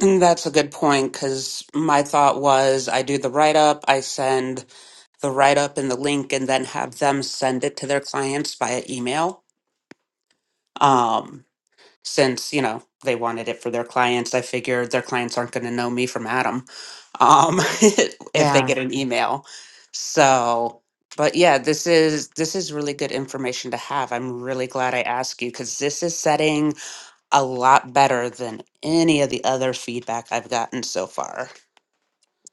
B: And that's a good point because my thought was I do the write up, I send the write up and the link, and then have them send it to their clients via email. Um, since you know they wanted it for their clients i figured their clients aren't going to know me from adam um, if they
A: Yeah.
B: get an email so but yeah this is this is really good information to have i'm really glad i asked you because this is setting a lot better than any of the other feedback i've gotten so far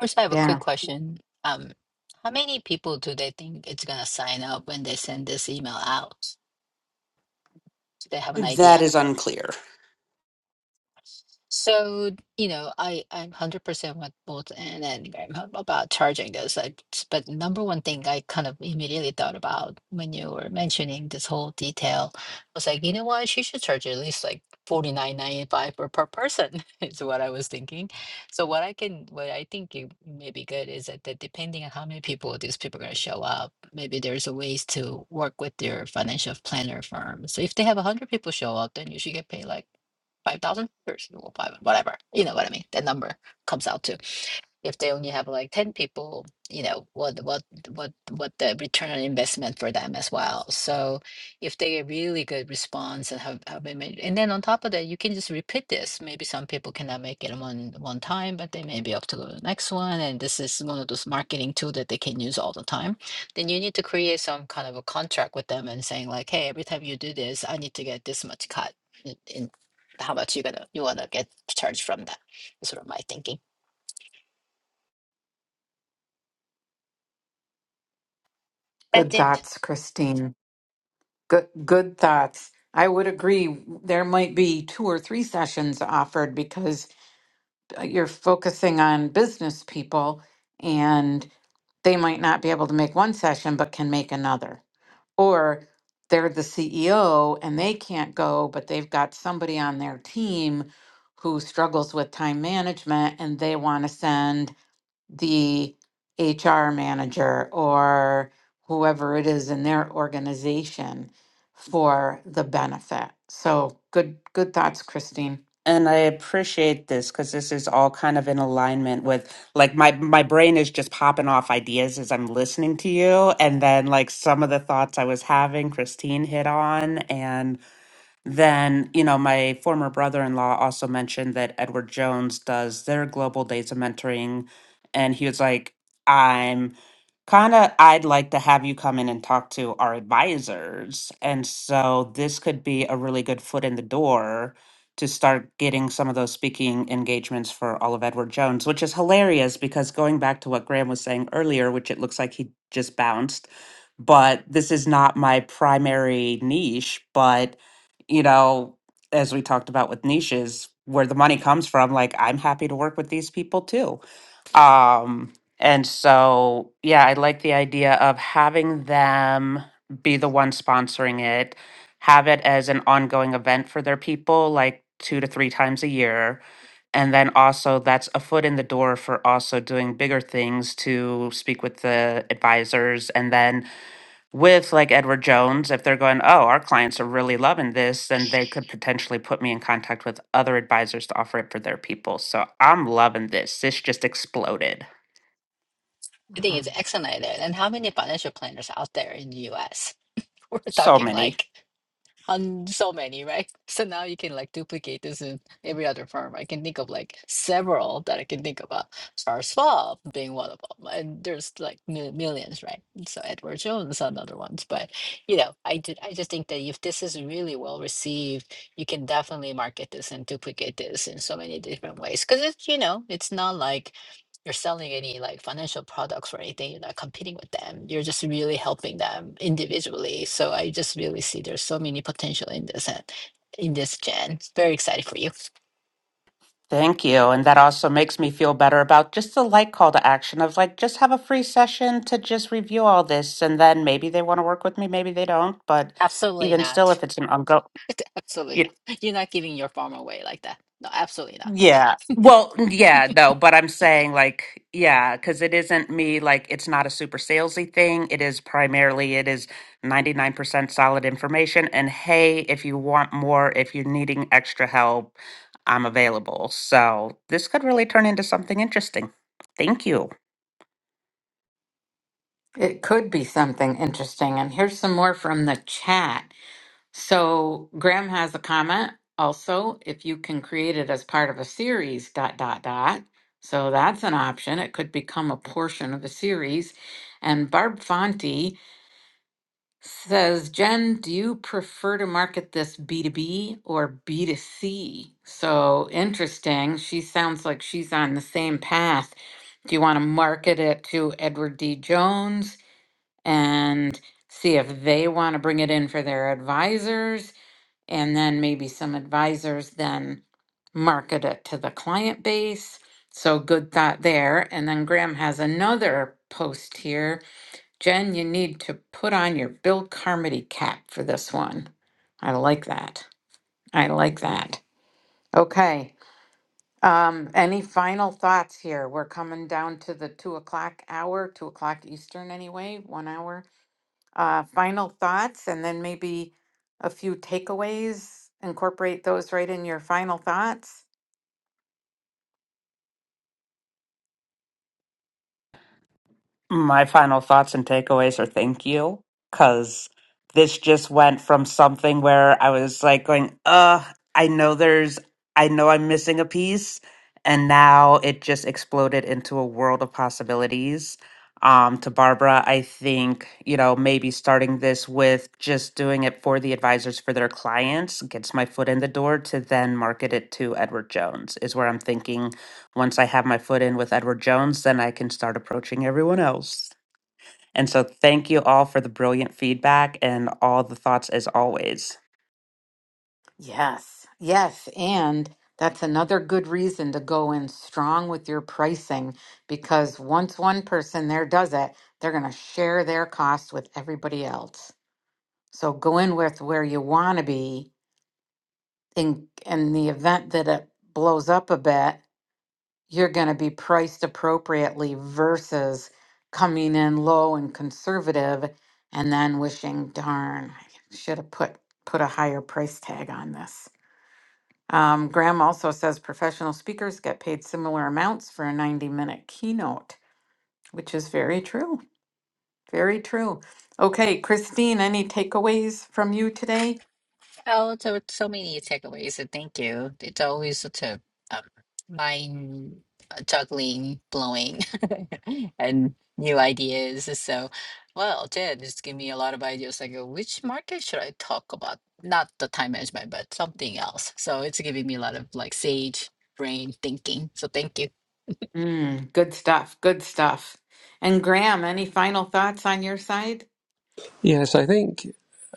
D: first i have a quick
A: Yeah.
D: question um how many people do they think it's going to sign up when they send this email out do they have an idea
B: that is unclear
D: So, you know, I I'm 100% with both Anne and Graham ab- about charging this. I, but number one thing I kind of immediately thought about when you were mentioning this whole detail was like, you know what? She should charge at least like 49.95 per per person is what I was thinking. So what I can what I think it may be good is that, that depending on how many people these people are going to show up, maybe there's a ways to work with your financial planner firm. So if they have 100 people show up, then you should get paid like 5,000 or well, five, whatever, you know what I mean? That number comes out to if they only have like 10 people you know what what what what the return on investment for them as well so if they get really good response and have, have been made, and then on top of that you can just repeat this maybe some people cannot make it one one time but they may be up to go to the next one and this is one of those marketing tool that they can use all the time then you need to create some kind of a contract with them and saying like hey every time you do this i need to get this much cut in, in how much you gonna you wanna get charged from that That's sort of my thinking
A: Good
D: that's it
A: thoughts, Christine. Good good thoughts. I would agree there might be two or three sessions offered because uh, you're focusing on business people and they might not be able to make one session but can make another or they're the CEO and they can't go but they've got somebody on their team who struggles with time management and they want to send the HR manager or whoever it is in their organization for the benefit. So good good thoughts Christine.
B: And I appreciate this because this is all kind of in alignment with like my my brain is just popping off ideas as I'm listening to you, and then like some of the thoughts I was having, Christine hit on, and. Then, you know, my former brother in law also mentioned that Edward Jones does their global days of mentoring. And he was like, I'm kind of, I'd like to have you come in and talk to our advisors. And so this could be a really good foot in the door to start getting some of those speaking engagements for all of Edward Jones, which is hilarious because going back to what Graham was saying earlier, which it looks like he just bounced, but this is not my primary niche, but you know, as we talked about with niches, where the money comes from, like I'm happy to work with these people too. Um, and so, yeah, I like the idea of having them be the one sponsoring it, have it as an ongoing event for their people, like two to three times a year. And then also, that's a foot in the door for also doing bigger things to speak with the advisors and then with like Edward Jones, if they're going, oh, our clients are really loving this, then they could potentially put me in contact with other advisors to offer it for their people. So I'm loving this. This just exploded.
D: I think it's excellent idea. And how many financial planners out there in the US? We're
B: So
D: talking
B: many.
D: like on so many, right? So now you can like duplicate this in every other firm. I can think of like several that I can think about. Charles Schwab being one of them, and there's like mil- millions, right? So Edward Jones, another ones. But you know, I did. I just think that if this is really well received, you can definitely market this and duplicate this in so many different ways. Because it's you know, it's not like you're selling any like financial products or anything, you're not competing with them. You're just really helping them individually. So I just really see there's so many potential in this and in this gen. Very excited for you.
B: Thank you. And that also makes me feel better about just the light call to action of like, just have a free session to just review all this. And then maybe they want to work with me, maybe they don't. But
D: Absolutely
B: even still,
D: not.
B: if it's an ongoing,
D: Absolutely not. You're not giving your farm away like that. No, absolutely not.
B: Yeah. Well, yeah, no, but I'm saying like, yeah, because it isn't me, like, it's not a super salesy thing. It is primarily, it is 99% solid information. And hey, if you want more, if you're needing extra help, I'm available. So this could really turn into something interesting. Thank you.
A: It could be something interesting. And here's some more from the chat. So Graham has a comment also if you can create it as part of a series, dot, dot, dot. So that's an option. It could become a portion of a series. And Barb Fonte says, Jen, do you prefer to market this B2B or B2C? So interesting. She sounds like she's on the same path. Do you want to market it to Edward D. Jones? and see if they want to bring it in for their advisors. And then maybe some advisors then market it to the client base. So good thought there. And then Graham has another post here. Jen, you need to put on your Bill Carmody cap for this one. I like that. I like that. Okay. Um, any final thoughts here? We're coming down to the two o'clock hour, two o'clock Eastern anyway, one hour uh, final thoughts and then maybe a few takeaways. Incorporate those right in your final thoughts.
B: My final thoughts and takeaways are thank you, because this just went from something where I was like going, uh, I know there's, I know I'm missing a piece. And now it just exploded into a world of possibilities. Um, to Barbara, I think, you know, maybe starting this with just doing it for the advisors for their clients gets my foot in the door to then market it to Edward Jones, is where I'm thinking once I have my foot in with Edward Jones, then I can start approaching everyone else. And so thank you all for the brilliant feedback and all the thoughts as always.
A: Yes, yes. And that's another good reason to go in strong with your pricing because once one person there does it, they're going to share their costs with everybody else. So go in with where you want to be in in the event that it blows up a bit you're going to be priced appropriately versus coming in low and conservative and then wishing darn i should have put put a higher price tag on this um, graham also says professional speakers get paid similar amounts for a 90 minute keynote which is very true very true okay christine any takeaways from you today
D: Oh, so so many takeaways. and Thank you. It's always such a um, mind uh, juggling, blowing, and new ideas. So, well, Ted, it's giving me a lot of ideas. Like, uh, which market should I talk about? Not the time management, but something else. So it's giving me a lot of like sage brain thinking. So thank you.
A: mm, good stuff good stuff and graham any final thoughts on your side
C: Yes, I think,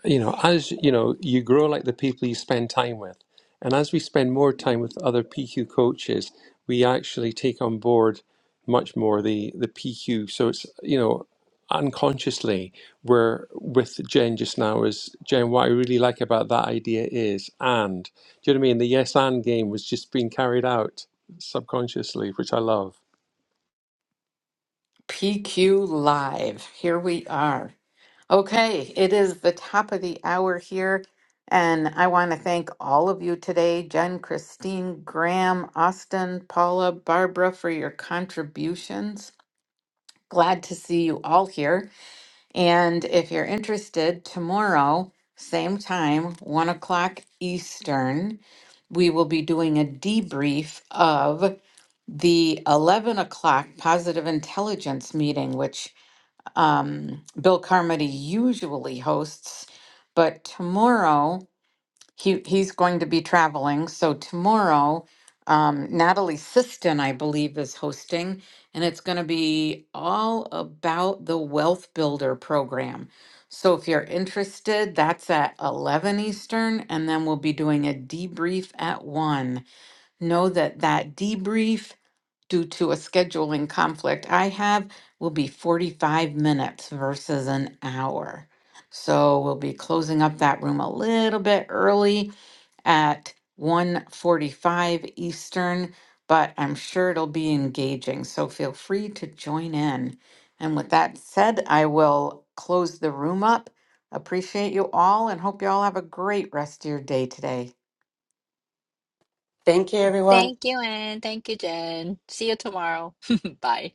C: you know, as you know, you grow like the people you spend time with. And as we spend more time with other PQ coaches, we actually take on board much more the, the PQ. So it's, you know, unconsciously, we're with Jen just now is Jen, what I really like about that idea is and. Do you know what I mean? The yes and game was just being carried out subconsciously, which I love.
A: PQ Live. Here we are. Okay, it is the top of the hour here, and I want to thank all of you today Jen, Christine, Graham, Austin, Paula, Barbara, for your contributions. Glad to see you all here. And if you're interested, tomorrow, same time, one o'clock Eastern, we will be doing a debrief of the 11 o'clock positive intelligence meeting, which um, Bill Carmody usually hosts, but tomorrow he he's going to be traveling. So tomorrow, um, Natalie Siston, I believe, is hosting, and it's going to be all about the Wealth Builder program. So if you're interested, that's at 11 Eastern, and then we'll be doing a debrief at 1. Know that that debrief due to a scheduling conflict I have will be 45 minutes versus an hour. So we'll be closing up that room a little bit early at 1:45 Eastern, but I'm sure it'll be engaging. So feel free to join in. And with that said, I will close the room up. Appreciate you all and hope you all have a great rest of your day today.
B: Thank you, everyone.
D: Thank you, and thank you, Jen. See you tomorrow. Bye.